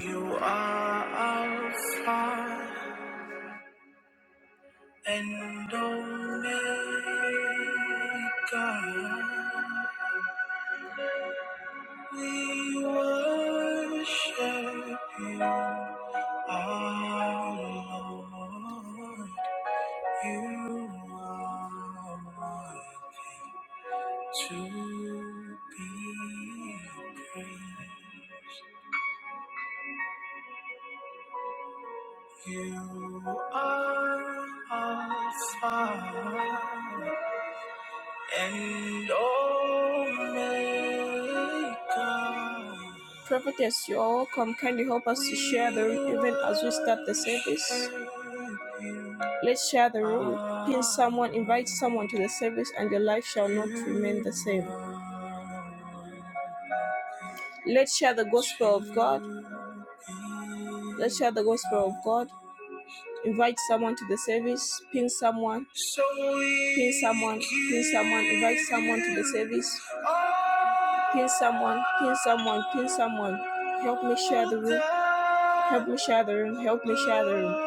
You are Alpha and Omega. We worship you, our Lord. You are worthy to be praised. You are Alpha and Omega. Prophetess, you all come kindly help us to share the room even as we start the service. Let's share the room. Pin someone, invite someone to the service, and your life shall not remain the same. Let's share the gospel of God. Let's share the gospel of God. Invite someone to the service. Pin someone. So Pin someone. Pin someone. Invite someone to the service. Pin someone. Pin someone. Pin someone. Help me share the room. Help me share the room. Help me share the room.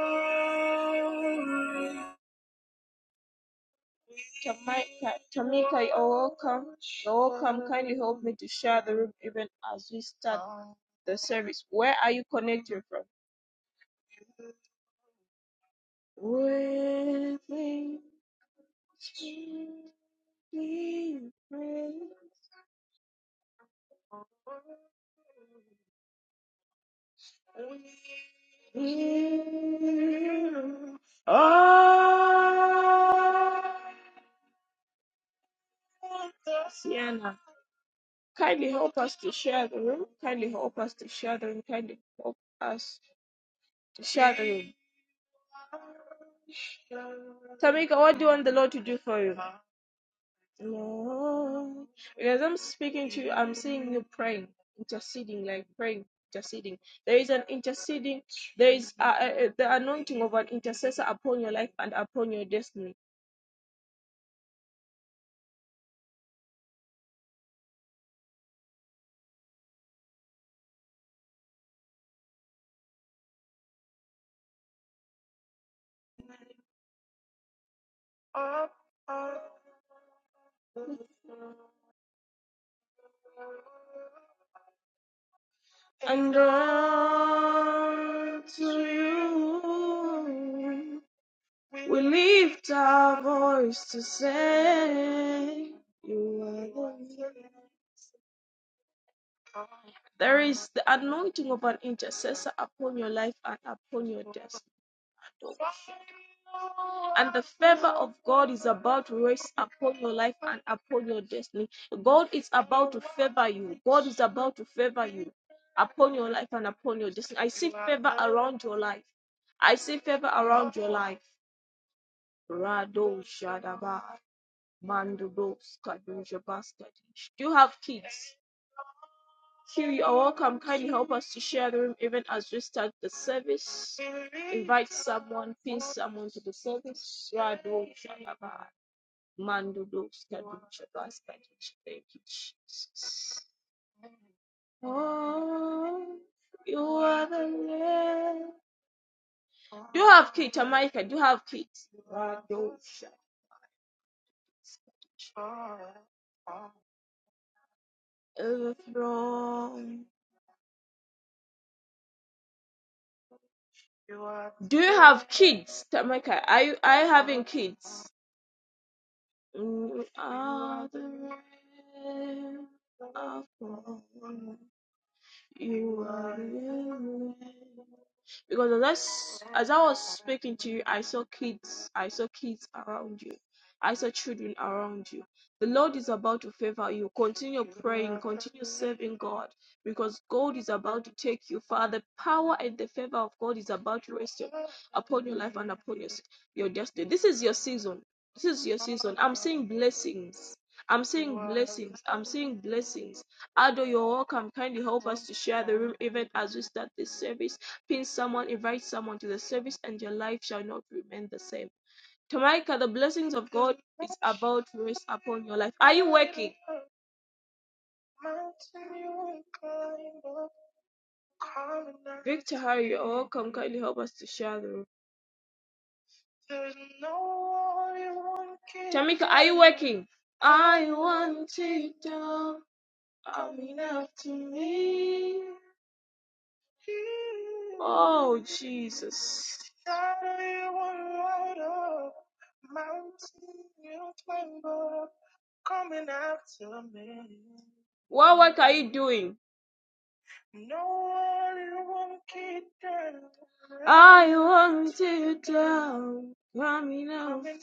Tamika, Tamika, you're welcome. You're welcome. Kindly help me to share the room even as we start the service. Where are you connecting from? With me. We praise. you. Oh, Sienna. Kindly help us to share the room. Kindly help us to share the room. Kindly help us to share the room. Tamika, what do you want the Lord to do for you? Lord. Because I'm speaking to you, I'm seeing you praying, interceding, like praying, interceding. There is an interceding, there is uh uh uh, the anointing of an intercessor upon your life and upon your destiny. And unto you we lift our voice to say, You are the Lord. There is the anointing of an intercessor upon your life and upon your destiny. And the favor of God is about to rest upon your life and upon your destiny. God is about to favor you. God is about to favor you upon your life and upon your destiny. I see favor around your life. I see favor around your life. Rado Shadaba Mandudos Kadunja Basket. Do you have kids? Here you are welcome. Kindly help us to share the room even as we start the service. Invite someone, pin someone to the service. Rado Shalaba, Mandudo Skadu Shabas, Thank you, Jesus. Oh, you are the Lamb. Do you have kids, America? Do you have kids? Rado Shabas. Overthrown. Do you have kids, Tamika? Are you are you having kids? Mm, are the rain of You are the rain because as I, s- as I was speaking to you, I saw kids, I saw kids around you, I saw children around you. The Lord is about to favor you. Continue praying, continue serving God, because God is about to take you far. The power and the favor of God is about to rest up- upon your life and upon your, s- your destiny. This is your season. This is your season. I'm seeing blessings. I'm seeing blessings. I'm seeing blessings. Ado, you're welcome. Kindly help us to share the room even as we start this service. Pin someone, invite someone to the service, and your life shall not remain the same. Tamika, the blessings of God is about to rest upon your life. Are you working? Victor, how are you? You're welcome. Kindly help us to share the room. Tamika, are you working? I want it all. I'm enough to me. Oh, Jesus. What work are you doing? No I want you down, coming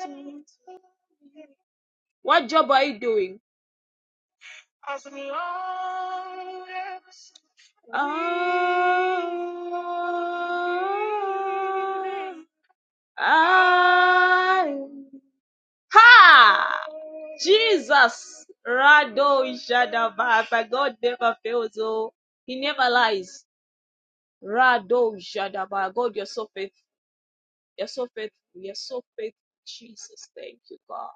after me. What job are you doing? As long as Oh, I, ha! Jesus, Rado Jadaba. My God never fails. Oh, He never lies. Rado Jadaba. God, you're so faithful. You're so faithful. You're so faithful. Jesus, thank you, God.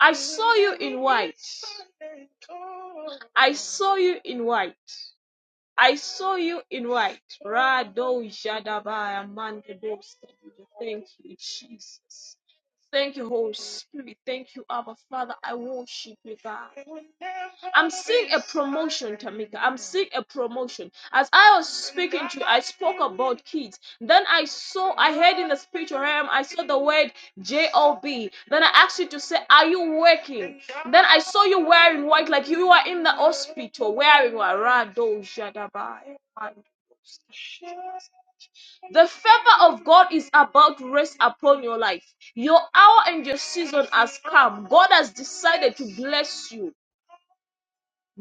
I saw you in white. I saw you in white. I saw you in white. Rado Jadabaya Mandados. Thank you, Jesus. Thank you, Holy Spirit. Thank you, Abba Father. I worship you, God. I'm seeing a promotion, Tamika. I'm seeing a promotion. As I was speaking to you, I spoke about kids. Then I saw, I heard in the spiritual realm, I saw the word job. Then I asked you to say, Are you working? Then I saw you wearing white, like you were in the hospital wearing white. Rado Jadabai. The favor of God is about to rest upon your life. Your hour and your season has come. God has decided to bless you.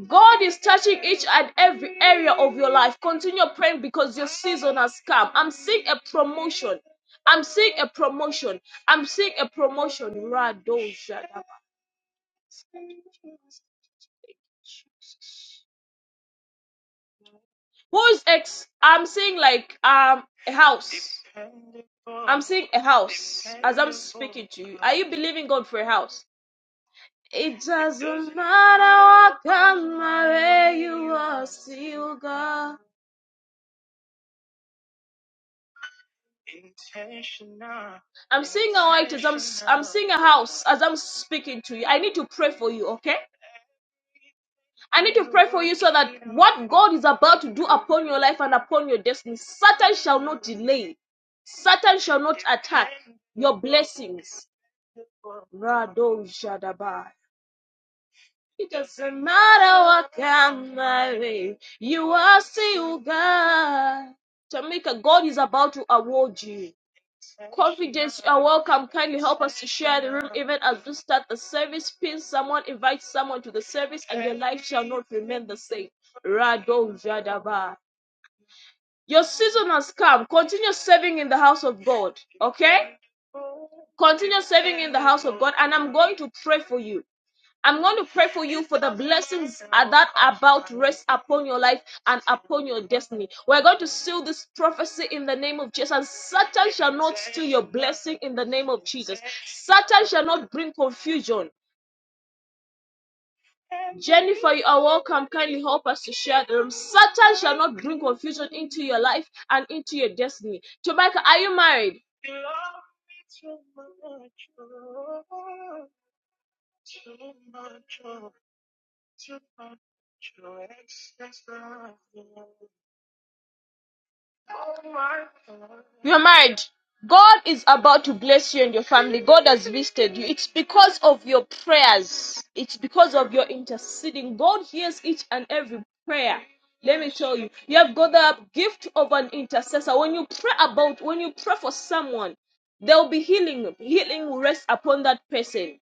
God is touching each and every area of your life. Continue praying because your season has come. I'm seeing a promotion. I'm seeing a promotion. I'm seeing a promotion. Rado Shadaba. Who's ex? I'm saying like um a house. I'm saying a house as I'm speaking to you. Are you believing God for a house? It doesn't matter what color way you are, still God. I'm seeing a white as I'm i I'm seeing a house as I'm speaking to you. I need to pray for you, okay? I need to pray for you so that what God is about to do upon your life and upon your destiny, Satan shall not delay. Satan shall not attack your blessings. It doesn't matter what comes my way, you are still God. Jamaica, God is about to award you. Confidence, you are welcome. Kindly help us to share the room even as we start the service. Pin someone, invite someone to the service, and your life shall not remain the same. Rado Jadaba. Your season has come. Continue serving in the house of God. Okay? Continue serving in the house of God. And I'm going to pray for you. I'm going to pray for you for the blessings that are about to rest upon your life and upon your destiny. We're going to seal this prophecy in the name of Jesus. And Satan shall not steal your blessing in the name of Jesus. Satan shall not bring confusion. Jennifer, you are welcome. Kindly help us to share the room. Satan shall not bring confusion into your life and into your destiny. Jamaica, are you married? You're married. God is about to bless you and your family. God has visited you. It's because of your prayers. It's because of your interceding. God hears each and every prayer. Let me tell you. You have got the gift of an intercessor. When you pray about, when you pray for someone, there will be healing. Healing will rest upon that person.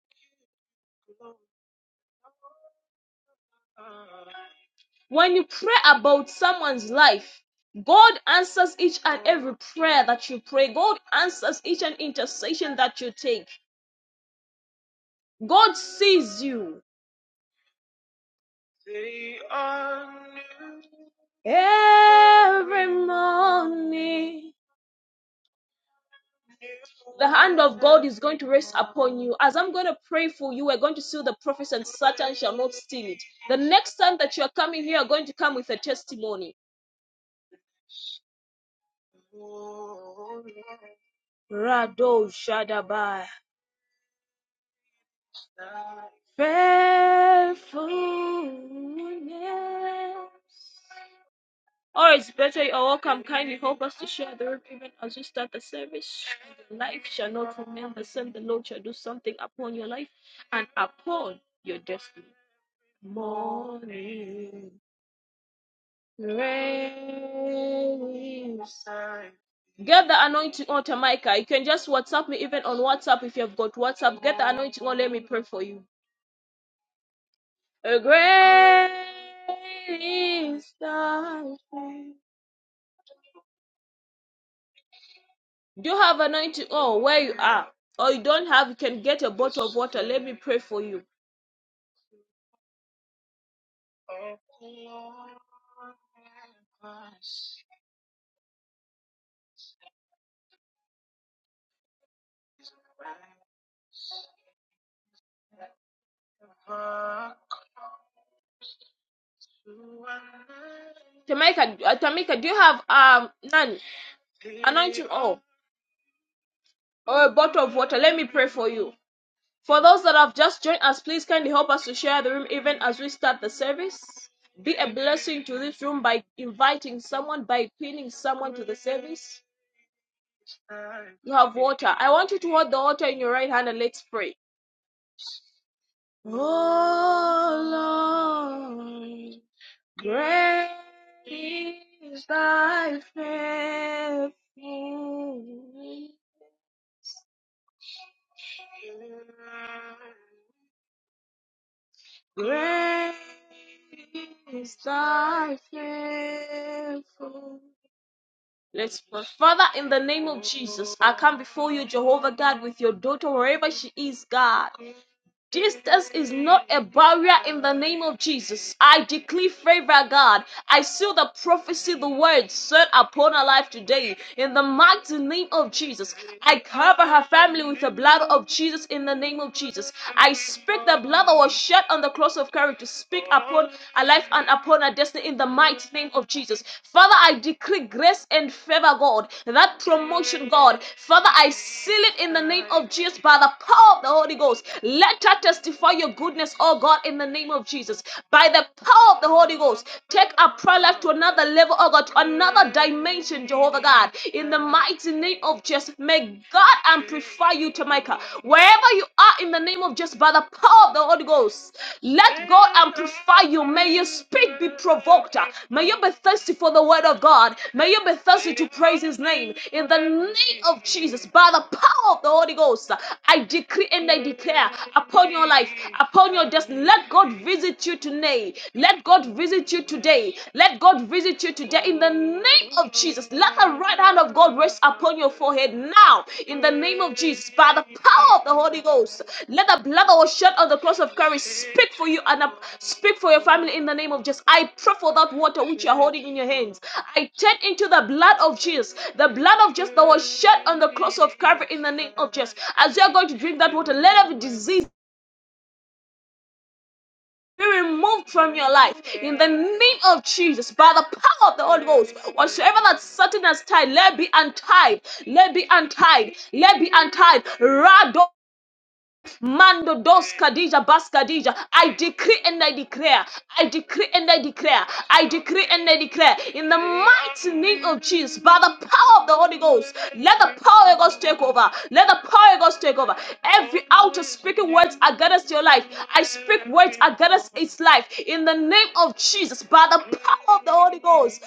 When you pray about someone's life, God answers each and every prayer that you pray. God answers each and intercession that you take. God sees you. They are new every morning. The hand of God is going to rest upon you. As I'm going to pray for you, we're going to seal the prophets, and Satan shall not steal it. The next time that you are coming here, you're going to come with a testimony. Rado Shadabai. Faithfulness. Or it's better you are welcome. Kindly help us to share the room even as you start the service. Your life shall not remain the same. The Lord shall do something upon your life and upon your destiny. Morning. Get the anointing on, Tamika. You can just WhatsApp me even on WhatsApp if you have got WhatsApp. Get the anointing on. Let me pray for you. A great is thy faith. Do you have anointing on where you are? Or you don't have, you can get a bottle of water. Let me pray for you. Tamika, uh, Tamika, do you have um none anointing oil or a bottle of water? Let me pray for you. For those that have just joined us, please kindly help us to share the room even as we start the service. Be a blessing to this room by inviting someone, by pinning someone to the service. You have water. I want you to hold the water in your right hand and let's pray. Oh Lord. Great is thy faithfulness. Great is thy faithfulness. Let's pray. Father, in the name of Jesus, I come before you, Jehovah God, with your daughter, wherever she is, God. Distance is not a barrier in the name of Jesus. I declare favor, God. I seal the prophecy, the word said upon her life today. In the mighty name of Jesus, I cover her family with the blood of Jesus. In the name of Jesus, I speak the blood that was shed on the cross of Calvary to speak upon her life and upon her destiny. In the mighty name of Jesus, Father, I declare grace and favor, God. That promotion, God, Father, I seal it in the name of Jesus by the power of the Holy Ghost. Let her to testify your goodness, oh God, in the name of Jesus. By the power of the Holy Ghost, take our prayer life to another level, oh God, to another dimension, Jehovah God. In the mighty name of Jesus, may God amplify you, Jamaica. Wherever you are, in the name of Jesus, by the power of the Holy Ghost, let God amplify you. May your spirit be provoked. May you be thirsty for the word of God. May you be thirsty to praise His name. In the name of Jesus, by the power of the Holy Ghost, I decree and I declare a upon your life, upon your destiny. Let God visit you today. Let God visit you today. Let God visit you today in the name of Jesus. Let the right hand of God rest upon your forehead now in the name of Jesus by the power of the Holy Ghost. Let the blood that was shed on the cross of Calvary speak for you and uh, speak for your family in the name of Jesus. I pray for that water which you are holding in your hands. I turn into the blood of Jesus, the blood of Jesus that was shed on the cross of Calvary in the name of Jesus. As you are going to drink that water, let every disease be removed from your life in the name of Jesus by the power of the Holy Ghost. Whatsoever that Satan has tied, let be untied, let be untied, let be untied. Rado Mando dos kadija bas kadija. I decree and I declare. I decree and I declare. I decree and I declare. In the mighty name of Jesus, by the power of the Holy Ghost, let the power of God take over. Let the power of God take over. Every outer speaking words against your life, I speak words against its life. In the name of Jesus, by the power of the Holy Ghost,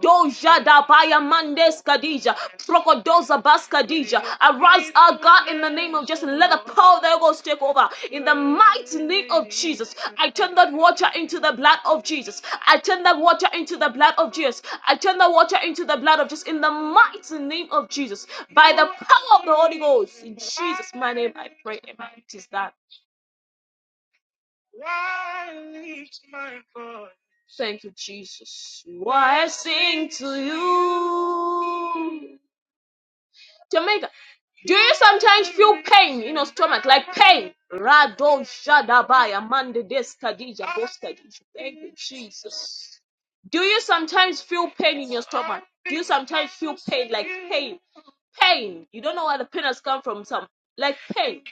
Rakadoja da baya mandes kadija. Trokodoza bas kadija. Arise, our God, in the name of Jesus. Let the power that goes take over. In the mighty name of Jesus. I turn that water into the blood of Jesus. I turn that water into the blood of Jesus. I turn the water into the blood of Jesus. In the mighty name of Jesus. By the power of the Holy Ghost. In Jesus' my name I pray. Amen. It is done. Why lift my voice? Thank you, Jesus. Why I sing to you? Jamaica, do you sometimes feel pain in your stomach, like pain? Rado Shadabaya Mande Deskadija Boskadija. Thank you, Jesus. Do you sometimes feel pain in your stomach? Do you sometimes feel pain, like pain? Pain. You don't know where the pain has come from, some like pain.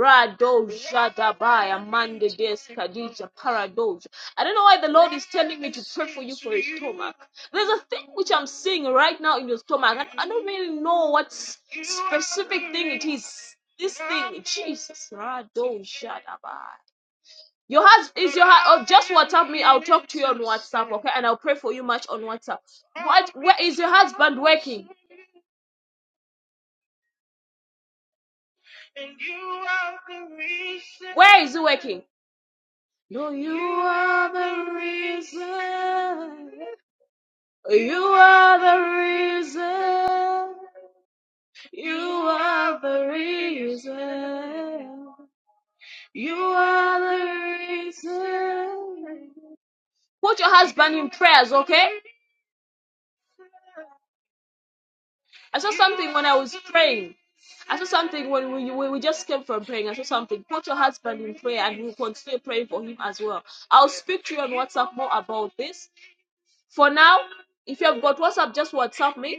Rado Jadabaya Mande Des Kadija Paradoj. I don't know why the Lord is telling me to pray for you for your stomach. There's a thing which I'm seeing right now in your stomach. and I don't really know what specific thing it is. This thing, Jesus, Rado Jadabaya. Your heart is your heart. Oh, just WhatsApp me. I'll talk to you on WhatsApp, okay? And I'll pray for you much on WhatsApp. What? Where is your husband working? And you are the reason. Where is it working? No, you are the reason. You are the reason. You are the reason. You are the reason. Put your husband in prayers, okay? I saw something when I was praying. I saw something when we, we, we just came from praying. I saw something. Put your husband in prayer and we'll continue praying for him as well. I'll speak to you on WhatsApp more about this. For now, if you have got WhatsApp, just WhatsApp me.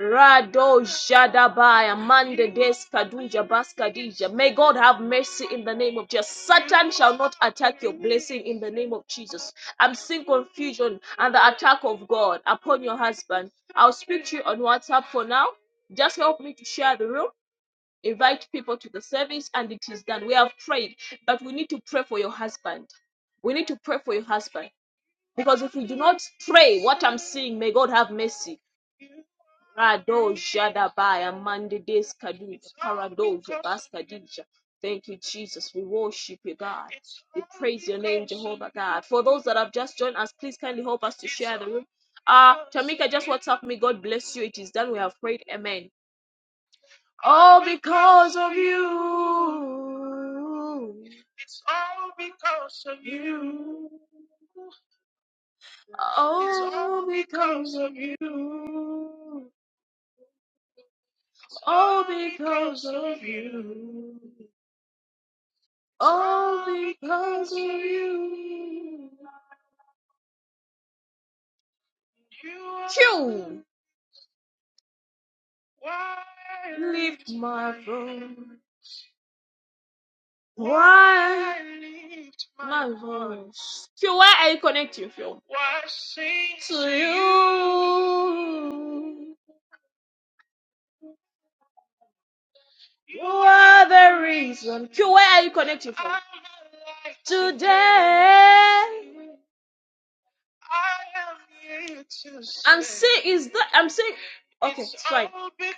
Rado Jadabaya Mande Des Kaduja Baskadija. May God have mercy in the name of Jesus. Satan shall not attack your blessing in the name of Jesus. I'm seeing confusion and the attack of God upon your husband. I'll speak to you on WhatsApp for now. Just help me to share the room. Invite people to the service, and it is done. We have prayed, but we need to pray for your husband. We need to pray for your husband because if we do not pray, what I'm seeing, may God have mercy. Rado Jadabaya Mandides Kadija Paradoja Baskadija. Thank you, Jesus. We worship you, God. We praise your name, Jehovah God. For those that have just joined us, please kindly help us to share the room. Uh, Tamika, just WhatsApp me. God bless you. It is done. We have prayed. Amen. All because of you. It's all because of you. All because of you. All because of you. All because of you. You why I lift my voice. Why I Lift my voice? Phil, why I connect you, Phil? Why I sing To you. You are the reason. Phil, why are you connecting, Phil? Today. I am here to I'm say saying is that I'm saying okay, it's it's fine. all because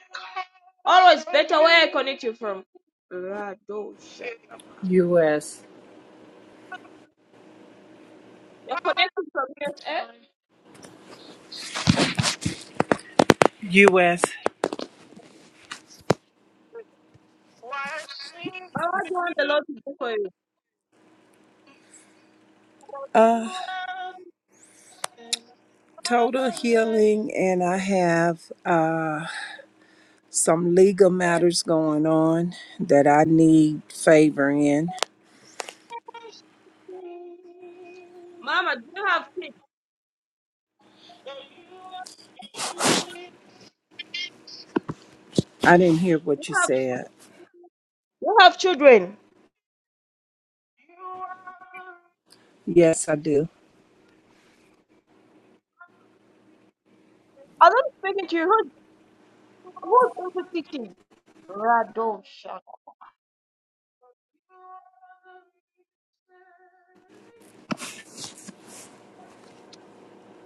Always better where I connect you from. Rado Shadaba. U.S. You're connecting from here, eh? U.S. Why sing But what do you want the Lord to do for you? for Uh, you and all I total can ever healing, and I sing? have uh, some legal matters going on that I need favor in. Mama, do you have kids? That you are here, I didn't hear you what you have, said. you have children? you are Yes, I do. I don't speak to you. Who, who's also speaking? Rado Shaka.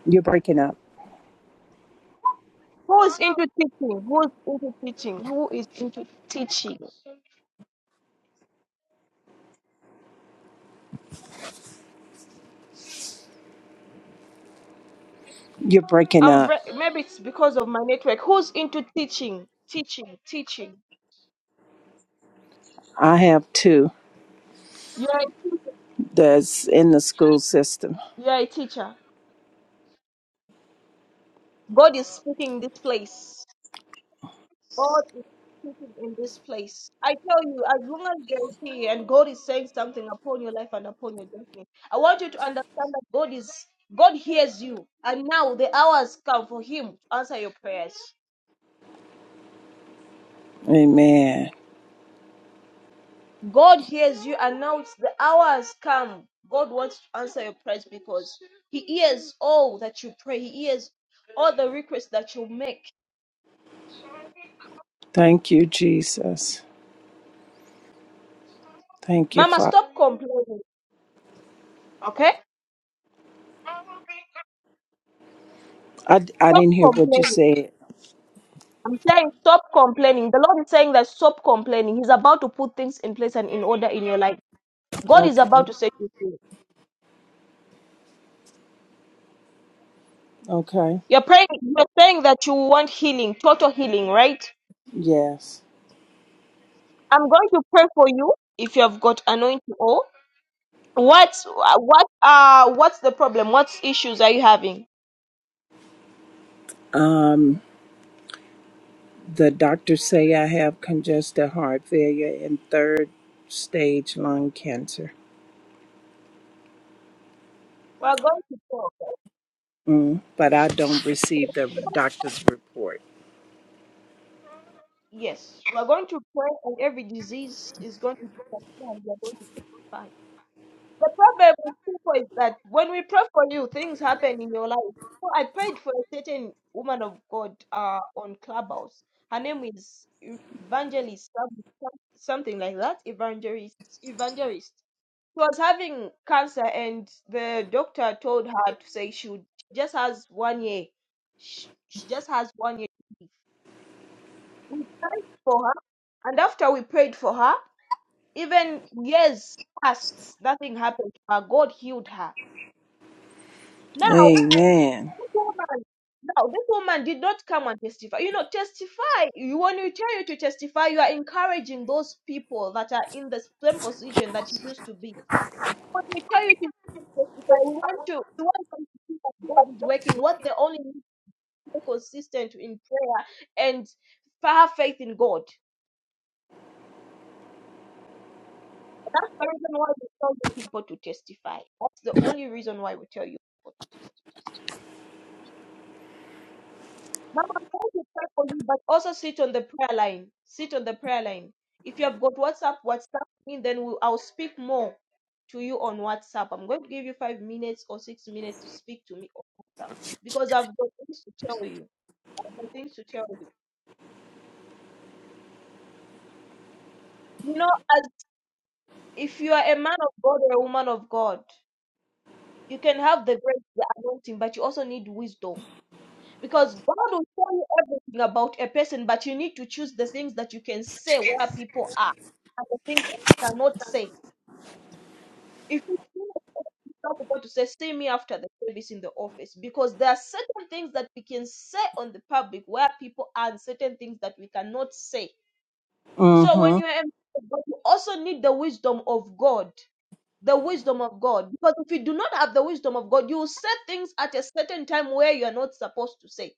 You're breaking up. Who is into teaching? Who is into teaching? Who is into teaching? You're breaking I'm up. bre- maybe it's because of my network. Who's into teaching? Teaching, teaching. I have two You're a teacher. that's in the school system. You're a teacher. God is speaking in this place. God is speaking in this place. I tell you, as long as you're here and God is saying something upon your life and upon your destiny, I want you to understand that God is God hears you, and now the hour has come for Him to answer your prayers. Amen. God hears you, and now it's the hour has come. God wants to answer your prayers because He hears all that you pray. He hears all the requests that you make. Thank you, Jesus. Thank you, Mama, Father. stop complaining. Okay? I, I Stop didn't hear what you complaining. said. I'm saying stop complaining. The Lord is saying that stop complaining. He's about to put things in place and in order in your life. God is Okay. about to set you free. Okay. You're praying, you're saying that you want healing, total healing, right? Yes. I'm going to pray for you if you have got anointing oil. What what uh what's the problem? What issues are you having? Um. The doctors say I have congestive heart failure and third stage lung cancer. We're going to pray. okay? Mm, but I don't receive the doctor's report. Yes. We're going to pray and every disease is going to be transformed. We're going to testify. The problem with people is that when we pray for you, things happen in your life. So I prayed for a certain woman of God uh, on Clubhouse. Her name is Evangelist, some- some- something like that. Evangelist, Evangelist. She was having cancer, and the doctor told her to say she, would, she just has one year. She, she just has one year. to live. We prayed for her, and after we prayed for her, even years passed, nothing happened. to her. God healed her Now, Amen. this woman, now this woman did not come and testify. You know, testify. You when you tell you to testify, you are encouraging those people that are in the same position that you used to be. When we tell you to testify, we want to we want them to see that God is working. What they only need to be consistent in prayer and have faith in God. That's the reason why we tell you people to testify. That's the only reason why we tell you people to testify. Mama, I'm trying to pray for you, but also sit on the prayer line. Sit on the prayer line. If you have got WhatsApp, WhatsApp me, then we'll, I'll speak more to you on WhatsApp. I'm going to give you five minutes or six minutes to speak to me on WhatsApp because I've got things to tell you. I've got things to tell you. You know, as if you are a man of God or a woman of God, you can have the grace, the anointing, but you also need wisdom Because God will tell you everything about a person, but you need to choose the things that you can say where people are and the things that you cannot say. If you tell God to say, see me after the service in the office, because there are certain things that we can say on the public where people are and certain things that we cannot say. So when Mm-hmm. you're em- but you also need the wisdom of God. The wisdom of God. Because if you do not have the wisdom of God, you will say things at a certain time where you are not supposed to say.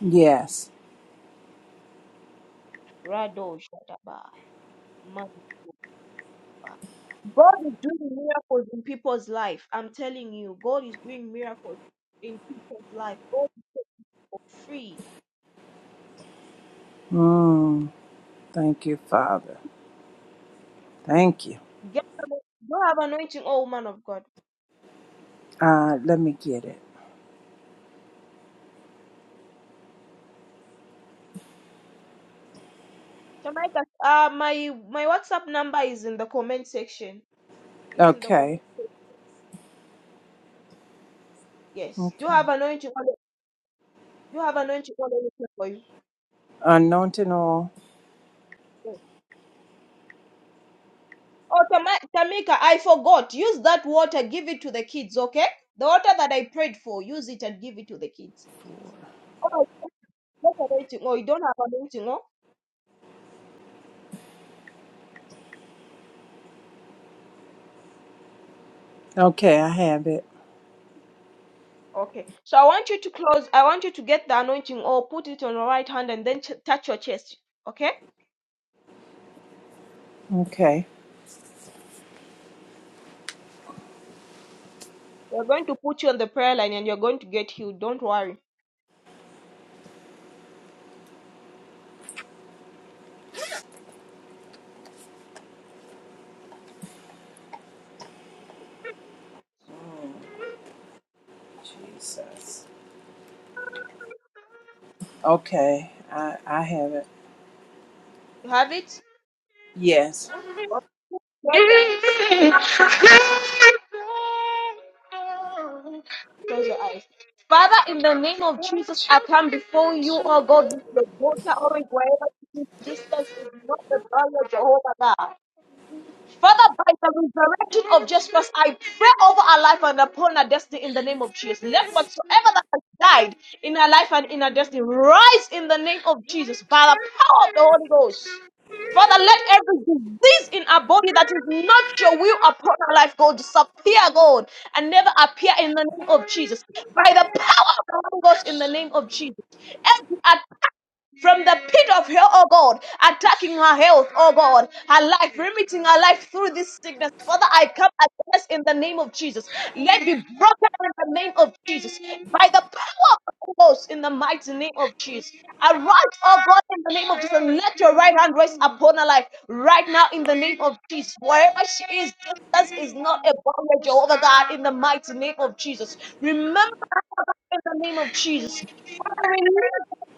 Yes. Rado Shadaba. My God God is doing miracles in people's life. I'm telling you, God is doing miracles in people's life. Go for free. Mm, thank you, Father. Thank you. Get don't have anointing, oh man of God. Uh, let me get it. So my uh my my WhatsApp number is in the comment section. It's in the comment Okay. section. Yes. Do you Okay. have anointing? Do you have anointing? God is for you. Anointing oil. Oh, Oh, Tama- Tamika, I forgot. Use that water, give it to the kids, okay? The water that I prayed for, use it and give it to the kids. Oh, Not anointing oil. You don't have anointing oil? Okay, I have it. Okay. So I want you to close. I want you to get the anointing oil, put it on your right hand, and then t- touch your chest. Okay? Okay. We're going to put you on the prayer line and you're going to get healed. Don't worry. Mm, Jesus. Okay, I, I have it. You have it? Yes. Okay? Close your eyes. Father, in the name of Jesus, I come before you, oh God, with your daughter, oh God, wherever she is. Distance is not the barrier, Jehovah God. Father, by the resurrection of Jesus, I pray over our life and upon our destiny in the name of Jesus. Let whatsoever that has died in our life and in our destiny rise in the name of Jesus by the power of the Holy Ghost. Father, let every disease in our body that is not your will upon our life, God, disappear, God, and never appear in the name of Jesus. By the power of the Holy Ghost in the name of Jesus. Every attack from the pit of hell, oh God, attacking her health, oh God, her life, limiting her life through this sickness. Father, I come against in the name of Jesus. Let be broken in the name of Jesus by the power of the Holy Ghost in the mighty name of Jesus. Arise, oh God, in the name of Jesus, and let your right hand rest upon her life right now in the name of Jesus. Wherever she is, Jesus is not a barrier, Jehovah God, in the mighty name of Jesus. Remember in the name of Jesus. Father, we need,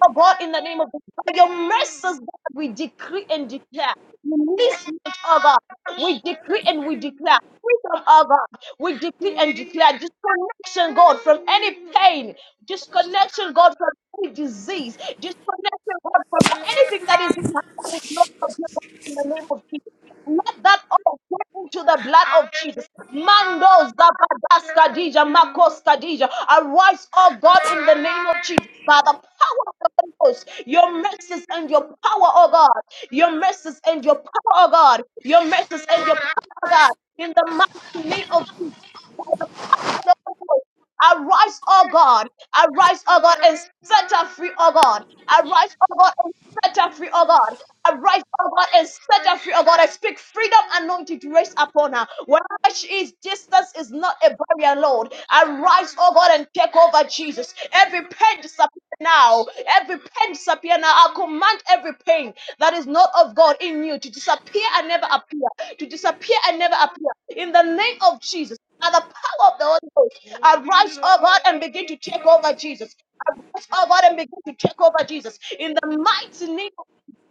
oh God, in the name of Jesus. By your mercies, God, we decree and declare. In This night, oh God, we decree and we declare. Freedom, oh God, we decree and declare. Disconnection, God, from any pain. Disconnection, God, from any disease. Disconnection, God, from anything that is, that is not of you, God, in the name of Jesus. Let that all according into the blood of Jesus. Mando Zabadas Kadija, Makos Kadija. Arise, oh God, in the name of Jesus. By the power of the Holy Ghost, your mercies and your power, oh God. Your mercies and your power, oh God. Your mercies and your power, oh God. In the mighty name of Jesus. By the power of the Holy Ghost, Arise, oh God. Arise, oh God, and set her free, oh God. Arise, oh God, and set her free, oh God. Arise, oh God, and set her free, oh God. I speak freedom anointing to rest upon her. Wherever she is, distance is not a barrier, Lord. Arise, oh God, and take over, Jesus. Every pain disappear now. Every pain disappear now. I command every pain that is not of God in you to disappear and never appear. To disappear and never appear. In the name of Jesus, by the power of the Holy Ghost, arise, oh God, and begin to take over, Jesus. Arise, oh God, and begin to take over, Jesus. In the mighty name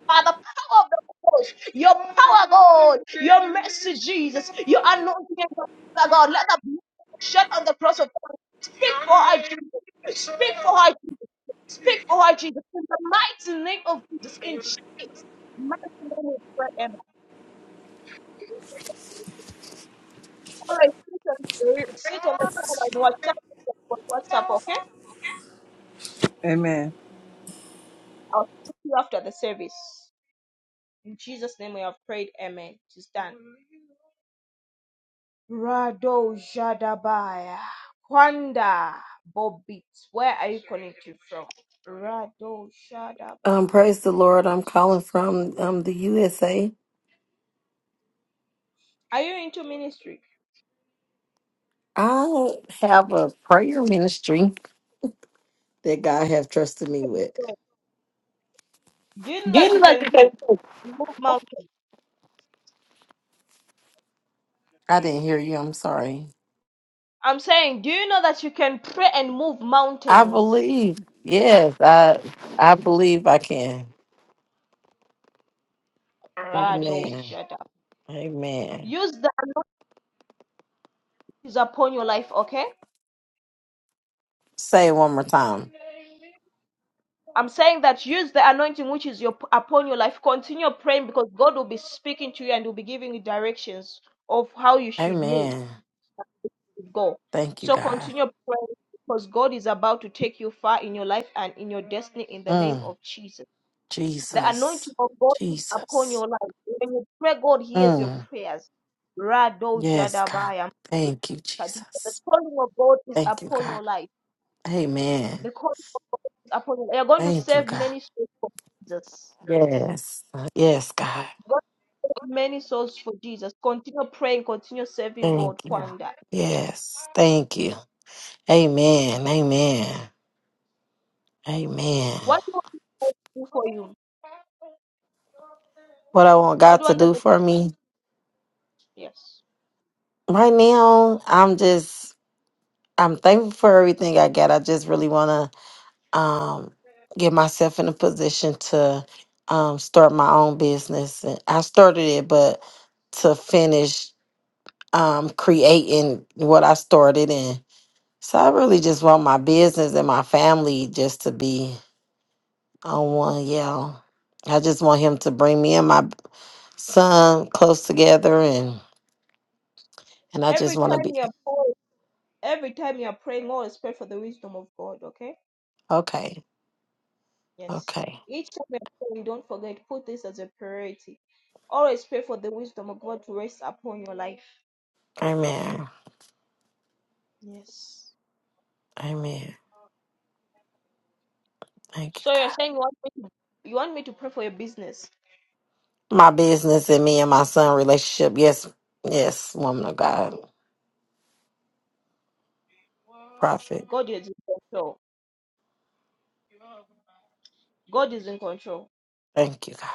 by the power of the Holy Ghost, your power, God, your mercy, Jesus, your anointing, and your power, God, let the blood shed on the cross of God. Speak for her, Jesus. Speak for her, Jesus. Speak for her, Jesus. In the mighty name of Jesus, in Jesus' mighty name, we pray. Amen. All right, sit on the sit on the phone and WhatsApp, WhatsApp, okay? Amen. I'll speak to you after the service. In Jesus' name, we have prayed. Amen. She's done. Rado Jadabaya. Kwanda Bobit. Where are you connecting from? Rado Um, Shadabaya, praise the Thank Lord. I'm you, calling Jesus. from um, the USA. Are you into ministry? I have a prayer ministry that God have trusted me with. Do you know that you didn't let can you pray? say. and Move mountains. I didn't hear you. I'm sorry. I'm saying, do you know that you can pray and move I mountains? believe. Yes, I I believe I can. Rado Amen. Shadab. Amen. Use the anointing upon your life, okay? Say it one more time. I'm saying that use the anointing which is your, upon your life. Continue praying because God will be speaking to you and will be giving you directions of how you should move Amen. with God. Thank you, So God. continue praying because God is about to take you far in your life and in your destiny in the name Mm, of Jesus. The anointing Jesus. of God is upon Jesus. your life. When you pray, God hears your Mm, prayers. Rado yes, God. Jadabaya. Thank you, The Jesus. calling of God is Thank you, upon God. your life. Amen. The calling is upon your life. You're going to Thank you, save God. many souls for Jesus Yes. Yes, God. many souls for Jesus. Continue praying, continue serving Thank God, you. God. Kwanda. Yes. Thank you. Amen. Amen. Amen. What do you want the Lord to do for you? What I want What do God you to want the do Lord for me to do? Yes. right now, I'm just, I'm thankful for everything I got. I just really want to um, get myself in a position to um, start my own business. And I started it, but to finish um, creating what I started in. So I really just want my business and my family just to be on one yell. I just want him to bring me and my son close together and and I Every just want to time be you are praying, every time you are praying, always pray for the wisdom of God, okay? okay. Yes. Okay. Each time you are praying, don't forget, put this as a priority. Always pray for the wisdom of God to rest upon your life. Amen. Yes. Amen. Thank you, So you're God. saying you want me to, you want me to pray for your business. My business and me and my son relationship. Yes. Yes, woman of God. Prophet. God is in control. God is in control. Thank you, God.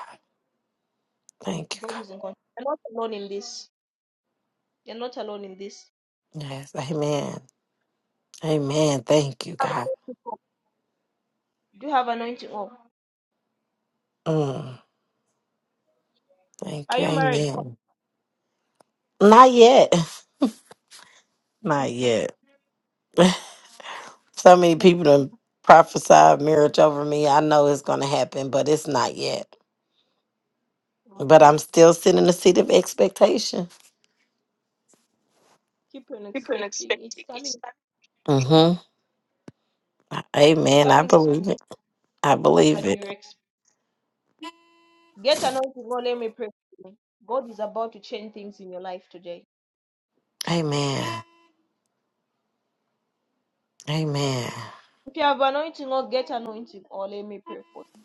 Thank you, God is in control. You're not alone in this. You're not alone in this. God. Yes. Amen. Amen. Thank you, God. You have anointing. Oh, Mm. are Thank you. you married? Come, Amen. Not yet. Not yet. So many people done prophesied marriage over me. I know it's gonna happen, but it's not yet. But Okay. I'm still sitting in the seat of expectation. Keep on expecting. It's coming. Mm-hmm. It's Amen. I coming believe sooner it. I believe than it. you expect. Get anointing. Oh, let me pray. for you. God is about to change things in your life today. Amen. Amen. If you have anointing, oh, get anointing. Oh, let me pray for you.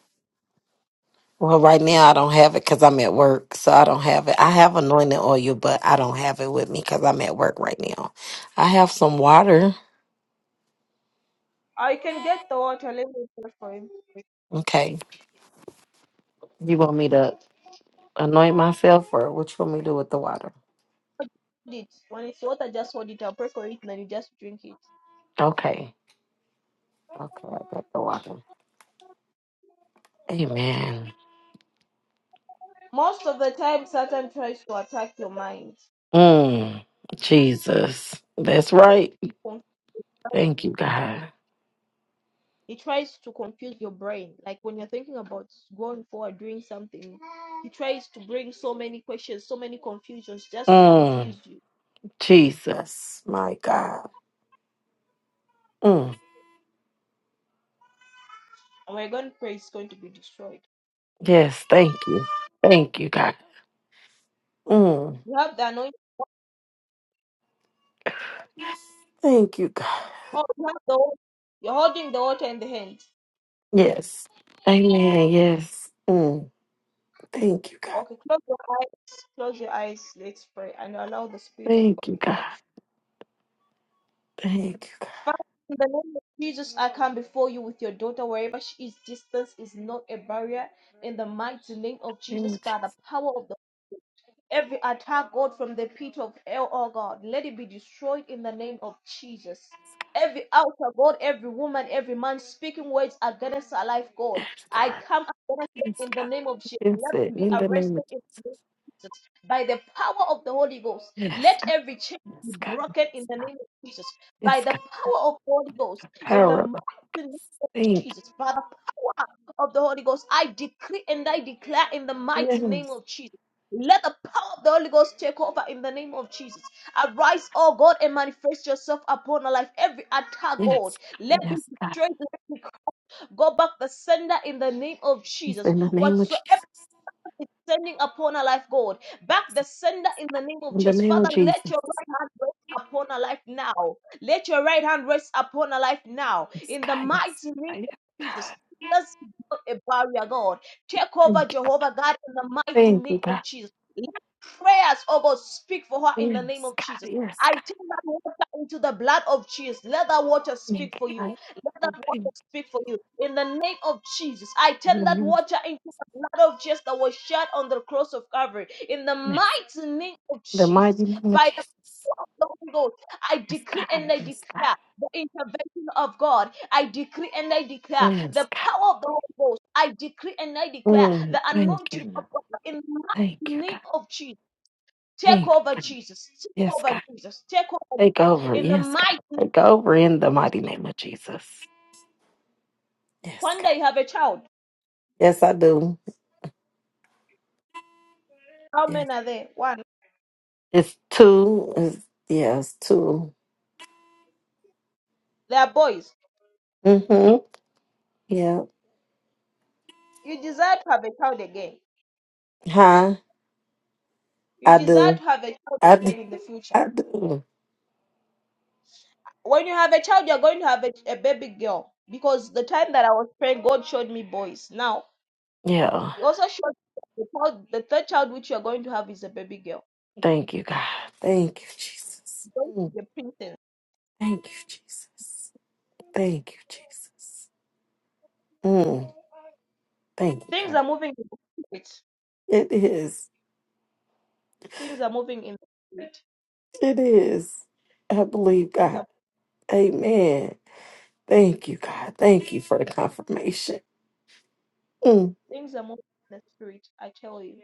Well, right now I don't have it because I'm at work, so I don't have it. I have anointing oil, but I don't have it with me because I'm at work right now. I have some water. I can get the water. Let me pray for him. Okay. You want me to anoint myself, or what you want me to do with the water? Hold It. When it's water, just hold it. I'll pray for it, and then you just drink it. Okay. Okay, I got the water. Amen. Most of the time, Satan tries to attack your mind. Mm, Jesus. That's right. Confess. Thank you, God. He tries to confuse your brain. Like when you're thinking about going forward, doing something, he tries to bring so many questions, so many confusions just to confuse Mm, you. Jesus. My God. Mm, And we're going to pray it's going to be destroyed. yes, thank you. Thank you, God. Mm, You have the anointing. thank you, God. Oh, you have the water. You're holding the water in the hand. Yes. Amen. Yes. Mm, thank you, God. Okay, close your eyes. Close your eyes. Let's pray and allow the Spirit of Thank God you, to God. touch. Thank you, God. you. Father, in the name of Jesus, I come before you with your daughter, wherever she is. Distance is not a barrier. In the mighty name of In the Name Jesus, of by the Jesus. power of the Every attack, God, from the pit of hell, oh God, let it be destroyed in the name of Jesus. Every altar, God, every woman, every man speaking words against our life, God, Yes, I Lord. come against Yes, them in the God. name of Jesus. Yes, Let them it. be In the name arrested of in the name of Jesus by the power of the Holy Ghost. Jesus. Yes, Let God. every chain Yes, be God. broken in Yes, the God. name of Jesus by Yes, the God. power of the Holy Ghost in Power the of mighty the Holy name Ghost. of Thank Jesus. By the power of the Holy Ghost, I decree and I declare in the mighty you. Yes. name of Jesus. Let the power of the Holy Ghost take over in the name of Jesus. Arise, oh God, and manifest yourself upon our life. Every attack, Yes, God, let be yes, God. destroyed. Let me go back the sender in the name of Yes, Jesus. in the name of Whatsoever Jesus. sending upon our life, God. Back the sender in the name of In the Jesus. name of Father, Jesus. let your right hand rest upon our life now. Let your right hand rest upon our life now. Yes, In the God. Yes, mighty name God. of Yes, Jesus. God. That's not a barrier, God. Take over, Thank you. Jehovah God, in the mighty Thank you, name of God. Jesus. Let prayers, oh God, speak for her in the name Yes, of God. Jesus. Yes, I God. turn that water into the blood of Jesus. Let that water speak Thank for you, you. God. Let that Thank you. water speak for you. In the name of Jesus, I In turn the that name of water into blood of Jesus that was shed on the cross of Calvary. In the Jesus. mighty name of The mighty Jesus, name of by the Jesus. power of the Holy Ghost, I Yes, decree and God. I Yes, declare God. the intervention of God. I decree and I declare Yes, the God. power of the Holy Ghost. I decree and I declare Mm, the thank you. anointing of Lord. God in the Thank you, mighty name God. of Jesus. Take Thank over you. God. Jesus. Take Yes, over God. Jesus. Take over Take Jesus. over. In the Yes, God. mighty Take name over of in the Jesus. mighty name of Jesus. Yes, One God. day you have a child. Yes, I do. How Yes. many are there? One. It's two. It's, yeah, it's two. They are boys. Mm-hmm. Yeah. You desire to have a child again. Huh? You I desire do. to have a child I do. again in the future. I do. When you have a child, you're going to have a, a baby girl. Because the time that I was praying, God showed me boys. Now, Yeah. He also showed me the, child, the third child which you're going to have is a baby girl. Thank you, God. Thank you, Jesus. You're going to Mm. be a princess. Thank you, Jesus. Thank you, Jesus. Mm. Thank you, Things God. are moving in the spirit. It is. Things are moving in the spirit. It is. I believe Things are God. Amen. Thank you, God. Thank you for the confirmation. Mm. things are moving in the spirit. I tell you,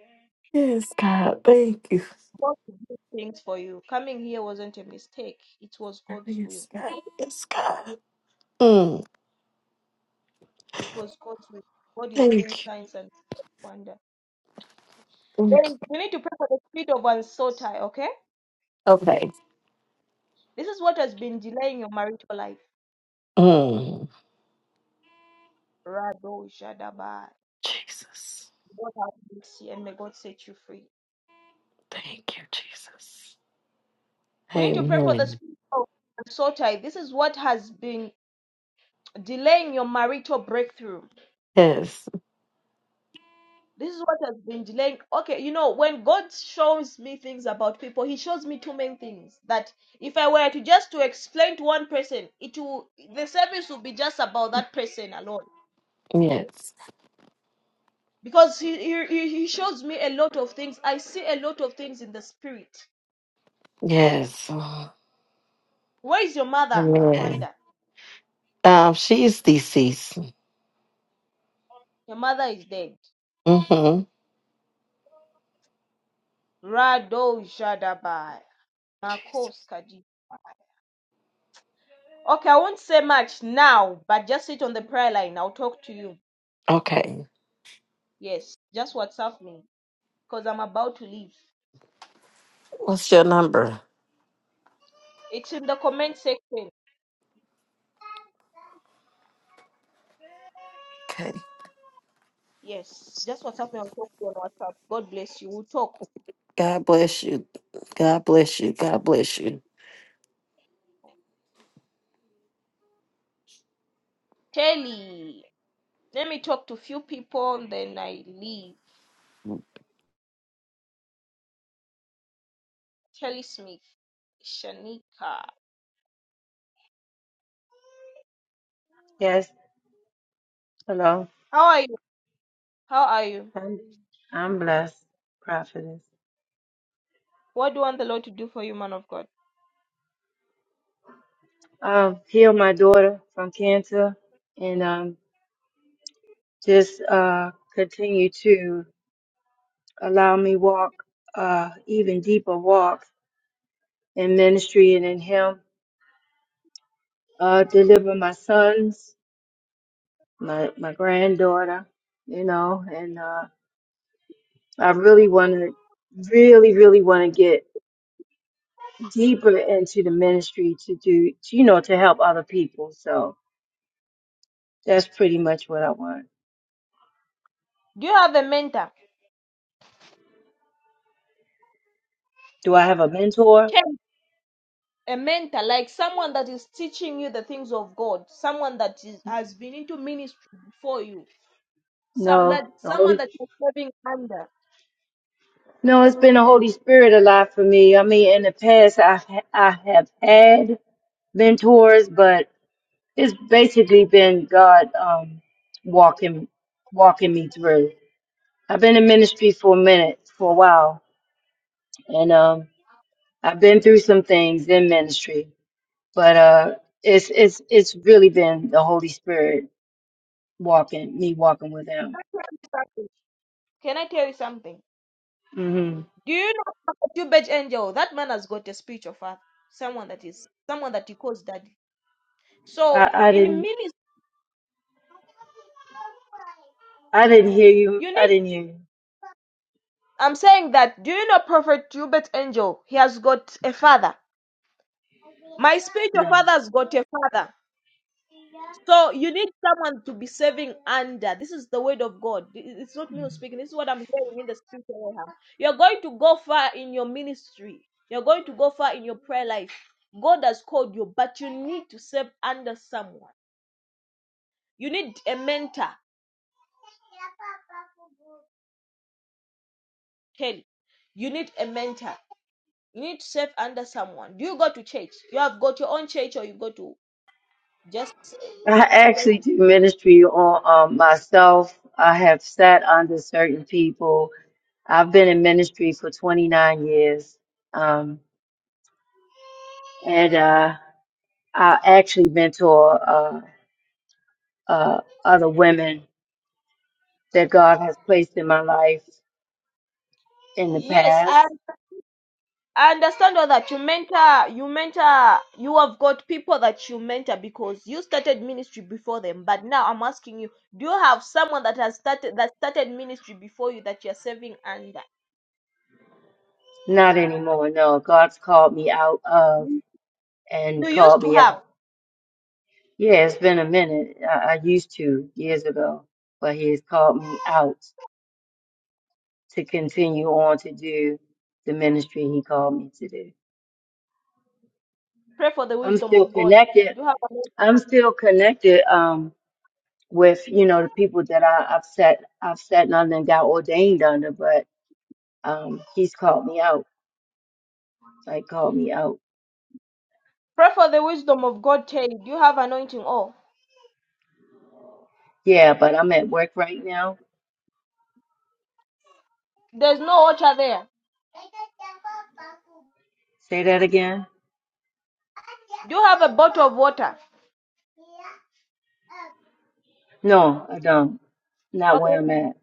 Yes, God. Thank you. God will do things for you. Coming here wasn't a mistake. It was God's will. Yes, God. Yes, God. Mm. It was God's will. God is doing Thank signs and wonders. you. Wait, you need to pray for the spirit of unsotai, okay? Okay. This is what has been delaying your marital life. Mm. Rado Shadaba. Jesus. God have mercy and may God set you free. Thank you, Jesus. We need to pray for the Amen. spirit of unsotai. This is what has been delaying your marital breakthrough. Yes. This is what has been delaying. Okay, you know, when God shows me things about people, He shows me two main things. That if I were to just to explain to one person, it will the service will be just about that person alone Yes. because he, he he shows me a lot of things. I see a lot of things in the spirit. Yes. Where is your mother, Amen. Akwanda? Um, she is deceased. Your mother is dead. Mm-hmm. Rado Jadabai. Jesus. Makos Kadi. Okay, I won't say much now, but just sit on the prayer line. I'll talk to you. Okay. Yes, just WhatsApp me because I'm about to leave. What's your number? It's in the comment section. Okay. Yes, just WhatsApp me. I'll talk to you on WhatsApp. God bless you. We'll talk. God bless you. God bless you. God bless you. Kelly, let me talk to few people, then I leave. Telly Smith, Shanika. Yes, hello. How are you? How are you? I'm, I'm blessed, prophetess. What do you want the Lord to do for you, man of God? Um, heal my daughter from cancer and um, just uh, continue to allow me walk uh, even deeper walks in ministry and in Him. Uh, deliver my sons, my my granddaughter, you know, and uh, I really want to, really, really want to get deeper into the ministry to do, to, you know, to help other people. So that's pretty much what I want. Do you have a mentor? Do I have a mentor? Tell- A mentor, like someone that is teaching you the things of God, someone that is, has been into ministry before you, so that No. The someone Holy that you're serving under. No, it's been the Holy Spirit a lot for me. I mean, in the past i I have had mentors, but it's basically been God um walking walking me through. I've been in ministry for a minute, for a while, and um I've been through some things in ministry, but uh it's it's it's really been the Holy Spirit walking me walking with him. Can I tell you something? Can I tell you something? hmm Do you know about Tubage Angel? That man has got a spiritual father, someone that is someone that he calls daddy. So I I in didn't ministry, I didn't hear you. you I need didn't hear you. I'm saying that. Do you know Prophet Hubert Angel? He has got a father. My spiritual No. father's got a father. So you need someone to be serving under. This is the word of God. It's not me speaking. This is what I'm hearing in the spiritual realm. You're going to go far in your ministry. You're going to go far in your prayer life. God has called you, but you need to serve under someone. You need a mentor, Kelly. You need a mentor. You need to serve under someone. Do you go to church? You have got your own church or you go to just I actually do ministry on um, myself. I have sat under certain people. I've been in ministry for 29 years. Um, and uh, I actually mentor uh, uh, other women that God has placed in my life in the Yes, I, past. I understand all that. You mentor, you mentor, you have got people that you mentor because you started ministry before them. But now I'm asking you, do you have someone that has started that started ministry before you that you're serving under? Not anymore. No, God's called me out of and You used called to me have. out. Yeah, it's been a minute. I, I used to years ago, but He has called me out. to continue on to do the ministry he called me to do. Pray for the I'm wisdom still of God. connected. Do you have anointing? I'm still connected um with, you know, the people that I, I've sat I've sat under and got ordained under, but um he's called me out. Like called me out. Pray for the wisdom of God, Terry. Do you have anointing? Oh, Yeah, but I'm at work right now. there's no water there. Say that again. Do you have a bottle of water? No, I don't. Not Okay. where I'm at.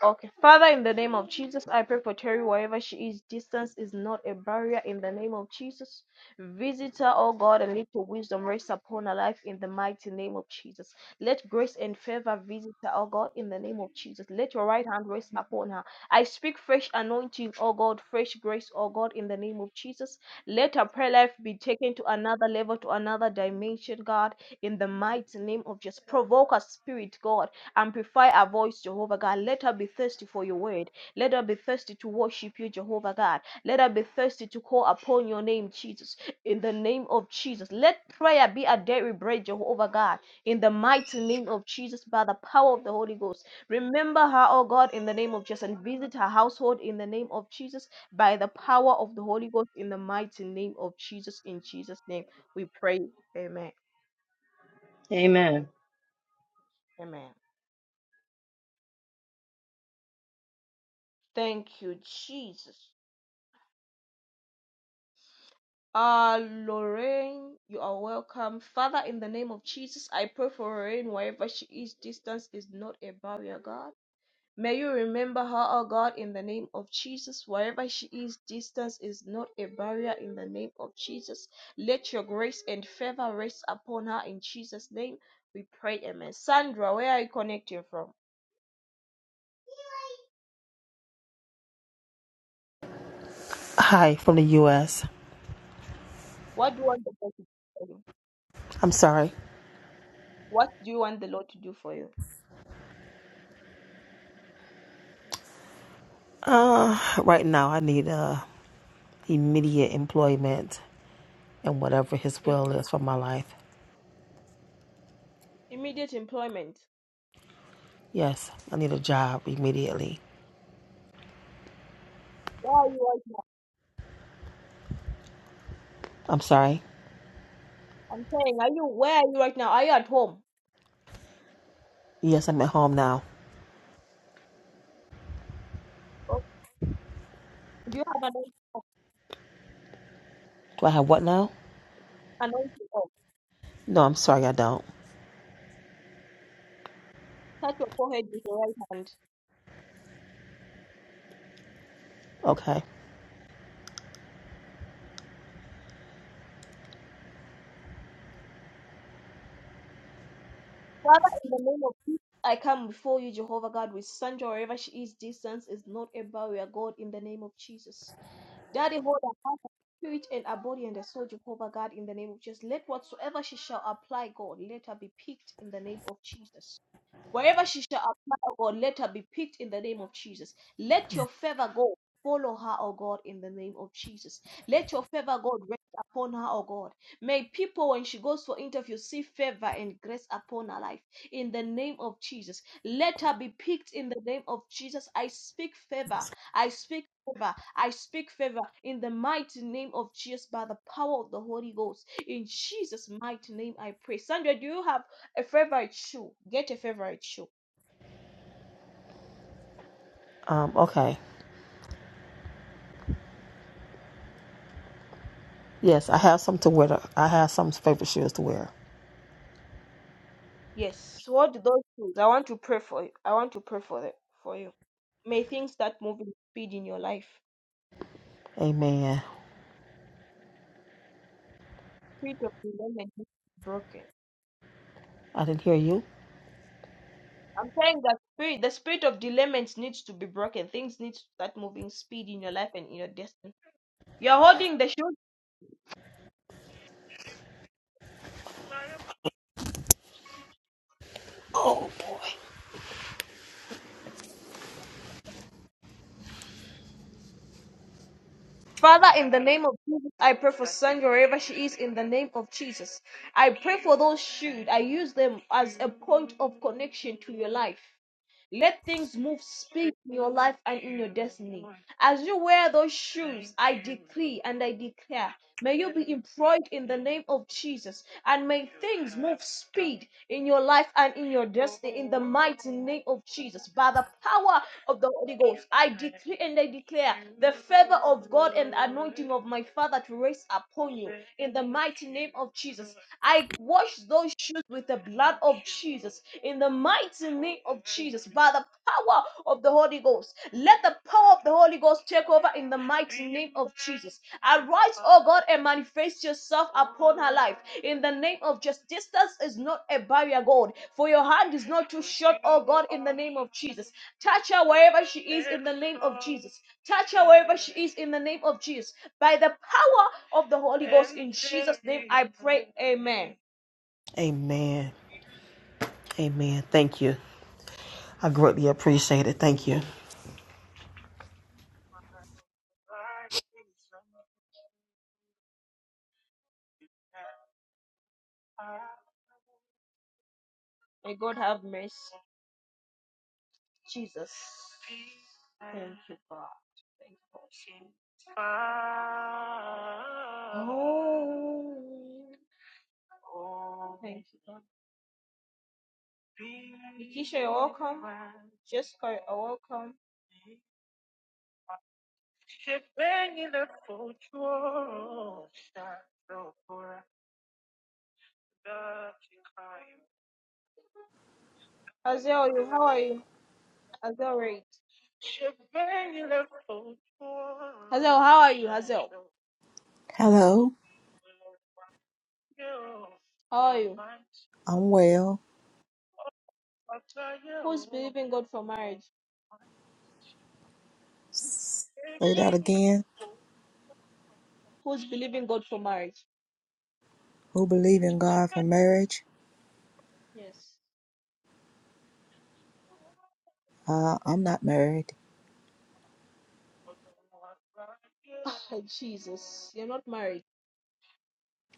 Okay. Father, in the name of Jesus, I pray for Terry wherever she is. Distance is not a barrier. In the name of Jesus, visit her, oh God, and let your wisdom rest upon her life in the mighty name of Jesus. Let grace and favor visit her, oh God, in the name of Jesus. Let your right hand rest upon her. I speak fresh anointing, oh God, fresh grace, oh God, in the name of Jesus. Let her prayer life be taken to another level, to another dimension, God, in the mighty name of Jesus. Provoke her spirit, God Amplify our voice, Jehovah God. Let her be thirsty for your word. Let her be thirsty to worship you, Jehovah God. Let her be thirsty to call upon your name, Jesus. In the name of Jesus. Let prayer be a daily bread, Jehovah God. In the mighty name of Jesus, by the power of the Holy Ghost. Remember her, oh God, in the name of Jesus. And visit her household in the name of Jesus, by the power of the Holy Ghost, in the mighty name of Jesus. In Jesus' name we pray. Amen. Amen. Amen. Thank you, Jesus. Uh, Lorraine, you are welcome. Father, in the name of Jesus, I pray for Lorraine wherever she is. Distance is not a barrier, God. May you remember her, oh God, in the name of Jesus. Wherever she is, distance is not a barrier in the name of Jesus. Let your grace and favor rest upon her in Jesus' name. We pray, Amen. Sandra, where are you connecting from? Hi, from the U.S. What do you want the Lord to do for you? I'm sorry. What do you want the Lord to do for you? Uh, right now, I need uh, immediate employment and whatever His Im- will is for my life. immediate employment. Yes, I need a job immediately. Why are you I'm sorry. I'm saying, are you where are you right now? Are you at home? Yes, I'm at home now. Oh, Do you have an Do I have what now? anointing oil? No, I'm sorry, I don't. Touch your forehead with your right hand. Okay. Father, in the name of Jesus, I come before you, Jehovah God, with Sandra wherever she is. Distance is not a barrier, God, in the name of Jesus. Daddy, hold her heart, her spirit, and her body and her soul, Jehovah God, in the name of Jesus. Let whatsoever she shall apply, God, let her be picked in the name of Jesus. Wherever she shall apply, O God, let her be picked in the name of Jesus. Let your favor go. Follow her, O God, in the name of Jesus. Let your favor, God, rest upon her, O God. May people, when she goes for interview, see favor and grace upon her life in the name of Jesus. Let her be picked in the name of Jesus. I speak favor. I speak favor. I speak favor in the mighty name of Jesus by the power of the Holy Ghost. In Jesus' mighty name, I pray. Sandra, do you have? A favorite shoe. Get a favorite shoe. Um. Okay. Yes, I have some to wear. To, I have some favorite shoes to wear. Yes. What do those shoes? I want to pray for you. I want to pray for them for you. May things start moving speed in your life. Amen. Spirit of delayment needs to be broken. I didn't hear you. I'm saying that spirit, the spirit of delayment needs to be broken. Things need to start moving speed in your life and in your destiny. You're holding the shoes. Oh boy. Father, in the name of Jesus, I pray for Sandra wherever she is, in the name of Jesus. I pray for those shoes. I use them as a point of connection to your life. Let things move speed in your life and in your destiny. As you wear those shoes, I decree and I declare, may you be employed in the name of Jesus, and may things move speed in your life and in your destiny in the mighty name of Jesus. By the power of the Holy Ghost, I decree and I declare the favor of God and the anointing of my Father to rest upon you in the mighty name of Jesus. I wash those shoes with the blood of Jesus in the mighty name of Jesus, by the power of the Holy Ghost. Let the power of the Holy Ghost take over in the mighty name of Jesus. Arise, oh God, and manifest yourself upon her life in the name of Jesus. Distance is not a barrier, God, for your hand is not too short, oh God, in the name of Jesus. Touch her wherever she is in the name of Jesus. Touch her wherever she is in the name of Jesus. By the power of the Holy Ghost, in Jesus' name I pray, Amen. Amen. Amen. Thank you. I greatly appreciate it. Thank you. May God have mercy. Jesus. Thank you, God. Thank you, God. Oh. Thank you, God. Keisha, you're welcome. Jessica, you're welcome. Azel, how are you? Hazel Hazel, how are you, Hazel? Hello, How are you? I'm well. Who's believing God for marriage? Say that again. Who's believing God for marriage? Who believe in God for marriage? Yes. Uh, I'm not married. Ah, Jesus, you're not married.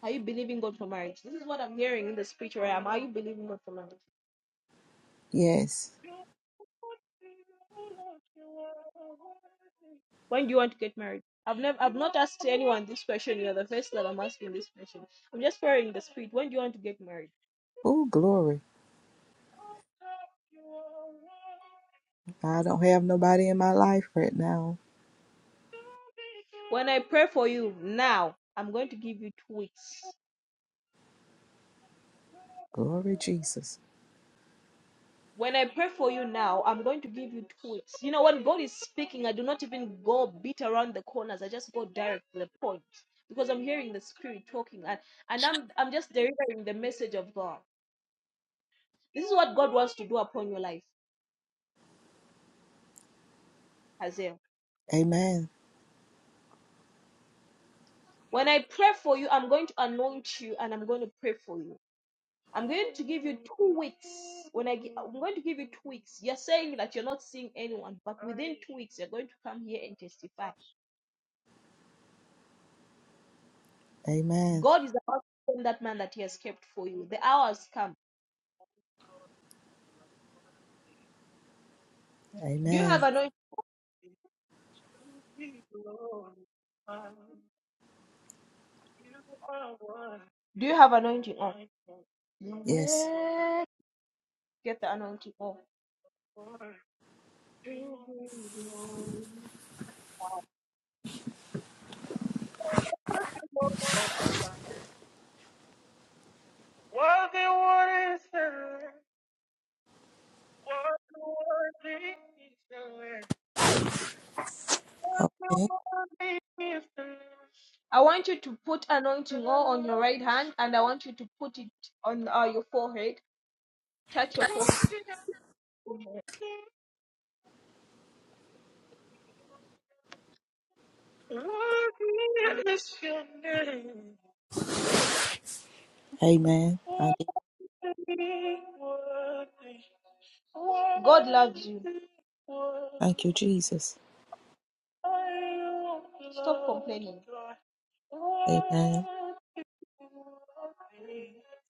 Are you believing God for marriage? This is what I'm hearing in the spiritual realm. Are you believing God for marriage? Yes. When do you want to get married? I've never, I've not asked anyone this question. You're the first that I'm asking this question. I'm just praying in the spirit. When do you want to get married? Oh, glory. I don't have nobody in my life right now. When I pray for you now, I'm going to give you two weeks. Glory Jesus. When I pray for you now, I'm going to give you two weeks. You know, when God is speaking, I do not even go beat around the corners. I just go direct to the point because I'm hearing the spirit talking, and and I'm I'm just delivering the message of God. This is what God wants to do upon your life, Hazel. Amen. When I pray for you, I'm going to anoint you and I'm going to pray for you. I'm going to give you two weeks. When I gi- I'm going to give you two weeks. You're saying that you're not seeing anyone, but within two weeks you're going to come here and testify. Amen. God is about to send that man that He has kept for you. The hour has come. Do you have Amen. anointing? Do you have anointing on? Yes. Yes. Get the anointing on. Worthy, worthy the Lamb. Worthy, worthy is the Lamb. Worthy, worthy Okay. is the Lamb. I want you to put anointing oil on your right hand and I want you to put it on uh, your forehead. Touch your forehead. Worthy is your name. Amen. I do. Worthy, worthy, God loves you. worthy. Thank you, worthy. Jesus. Stop complaining. Amen.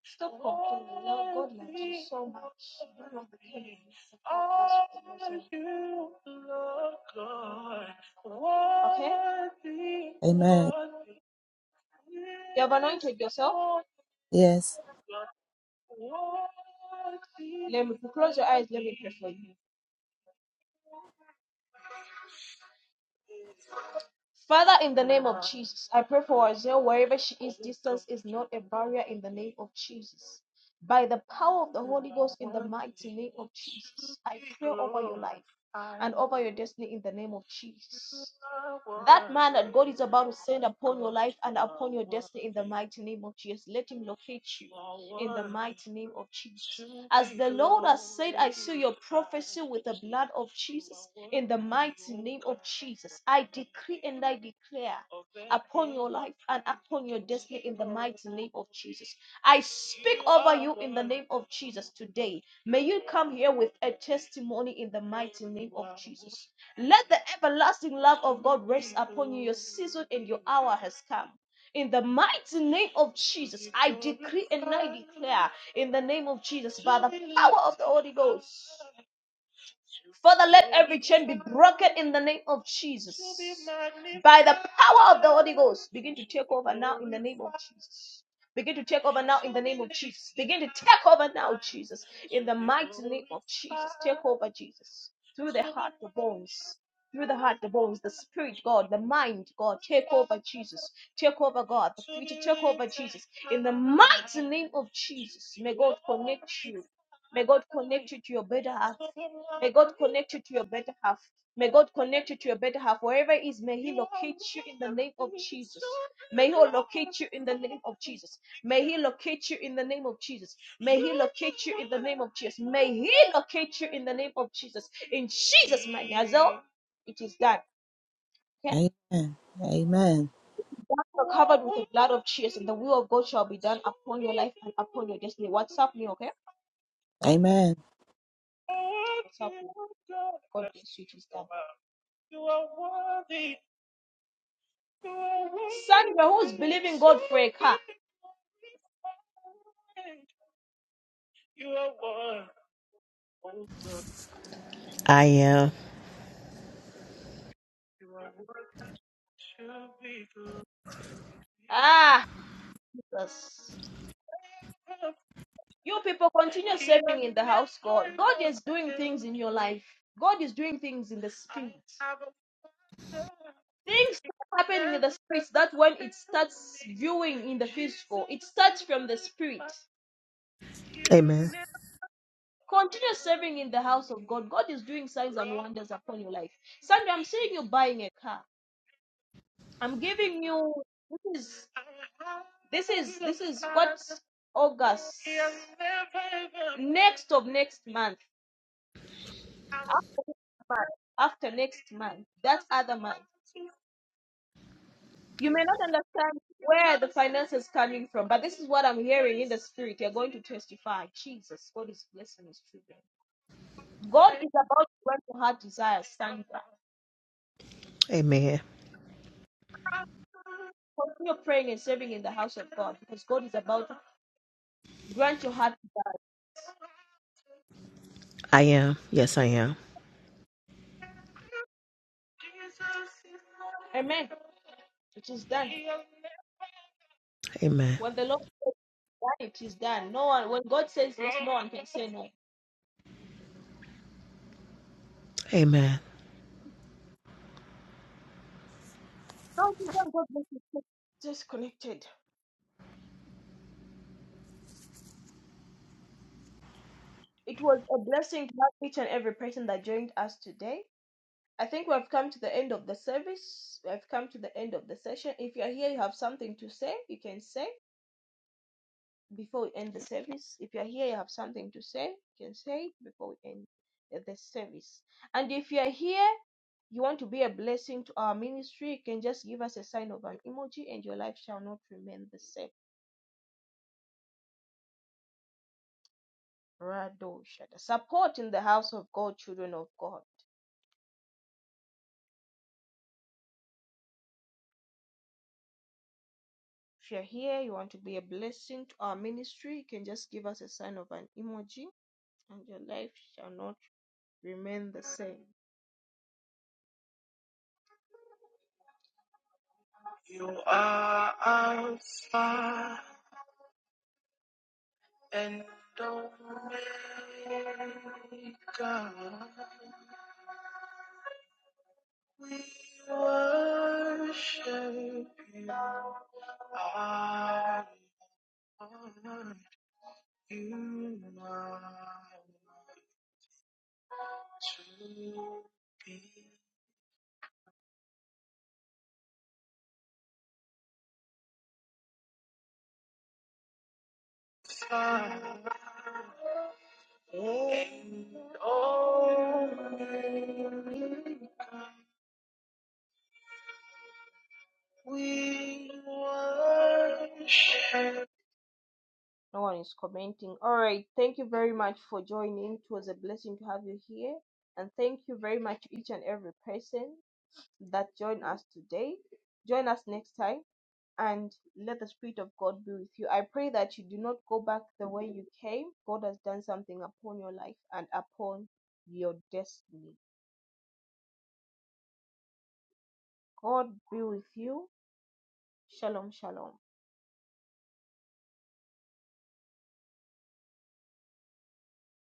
Stop complaining. Now God loves you so much. God loves you so much. Okay? Amen. You have anointed yourself. Yes. Let me close your eyes. Let me pray for you. Father, in the name of Jesus, I pray for Isaiah wherever she is, distance is not a barrier in the name of Jesus. By the power of the Holy Ghost in the mighty name of Jesus, I pray over your life and over your destiny in the name of Jesus. That man that God is about to send upon your life and upon your destiny in the mighty name of Jesus, let him locate you in the mighty name of Jesus. As the Lord has said, I seal your prophecy with the blood of Jesus in the mighty name of Jesus. I decree and I declare upon your life and upon your destiny in the mighty name of Jesus. I speak over you in the name of Jesus today May you come here with a testimony in the mighty name of Jesus. Let the everlasting love of God rest upon you. Your season and your hour has come. In the mighty name of Jesus, I decree and I declare in the name of Jesus by the power of the Holy Ghost. Father, let every chain be broken in the name of Jesus. By the power of the Holy Ghost, begin to take over now in the name of Jesus. Begin to take over now in the name of Jesus. Begin to take over now, Jesus. In the mighty name of Jesus. Take over, Jesus. Through the heart, the bones. Through the heart, the bones, the spirit, God, the mind, God. Take over, Jesus. Take over, God. The future, take over, Jesus. In the mighty name of Jesus. May God connect you. May God connect you to your better half. May God connect you to your better half. May God connect you to your better half. Wherever it is, may He locate you in the name of Jesus. May He locate you in the name of Jesus. May He locate you in the name of Jesus. May He locate you in the name of Jesus. May He locate you in the name of Jesus. In Jesus' mighty name, Azel, it is done. Okay? Amen. Amen. you Are covered with the blood of Jesus, and the will of God shall be done upon your life and upon your destiny. WhatsApp me, okay? Amen. WhatsApp me. God bless you, it is done. You are worthy. You are worthy. Sandra, who's believing God for a car? You are worthy. Oh God. I am. You are worthy to be good. Ah, Jesus. You people continue serving in the house, God. God is doing things in your life. God is doing things in the spirit. Things start happening in the spirit that when it starts viewing in the physical, it starts from the spirit. Amen. Continue serving in the house of God. God is doing signs and wonders upon your life. Sandra, I'm seeing you buying a car. I'm giving you this is this is this is what's August next of next month. After next month, that other month. You may not understand where the finance is coming from, but this is what I'm hearing in the spirit. You're going to testify. Jesus, God is blessing his children. God is about to grant your heart desires, Sandra. Amen. Continue praying and serving in the house of God because God is about to grant your heart I am. Yes, I am. desires. Amen. It is done. Amen. When the Lord says done, it is done. No one, when God says yes, no one can say no. Amen. No, God bless you. Disconnected. It was a blessing to have each and every person that joined us today. I think we've come to the end of the service. We've come to the end of the session. If you're here, you have something to say, you can say. before we end the service. If you are here, you have something to say, you can say it before we end the service. And if you are here, you want to be a blessing to our ministry, you can just give us a sign of an emoji and your life shall not remain the same. Rado Support in the house of God, children of God. If you're here, you want to be a blessing to our ministry, you can just give us a sign of an emoji and your life shall not remain the same. You are outside. and Omega. We worship you, our Lord. You are to be found. And Omega, we worship. No one is commenting. All right. Thank you very much for joining. It was a blessing to have you here. And thank you very much, to each and every person that joined us today. Join us next time and let the Spirit of God be with you. I pray that you do not go back the way you came. God has done something upon your life and upon your destiny. God be with you. Shalom, shalom.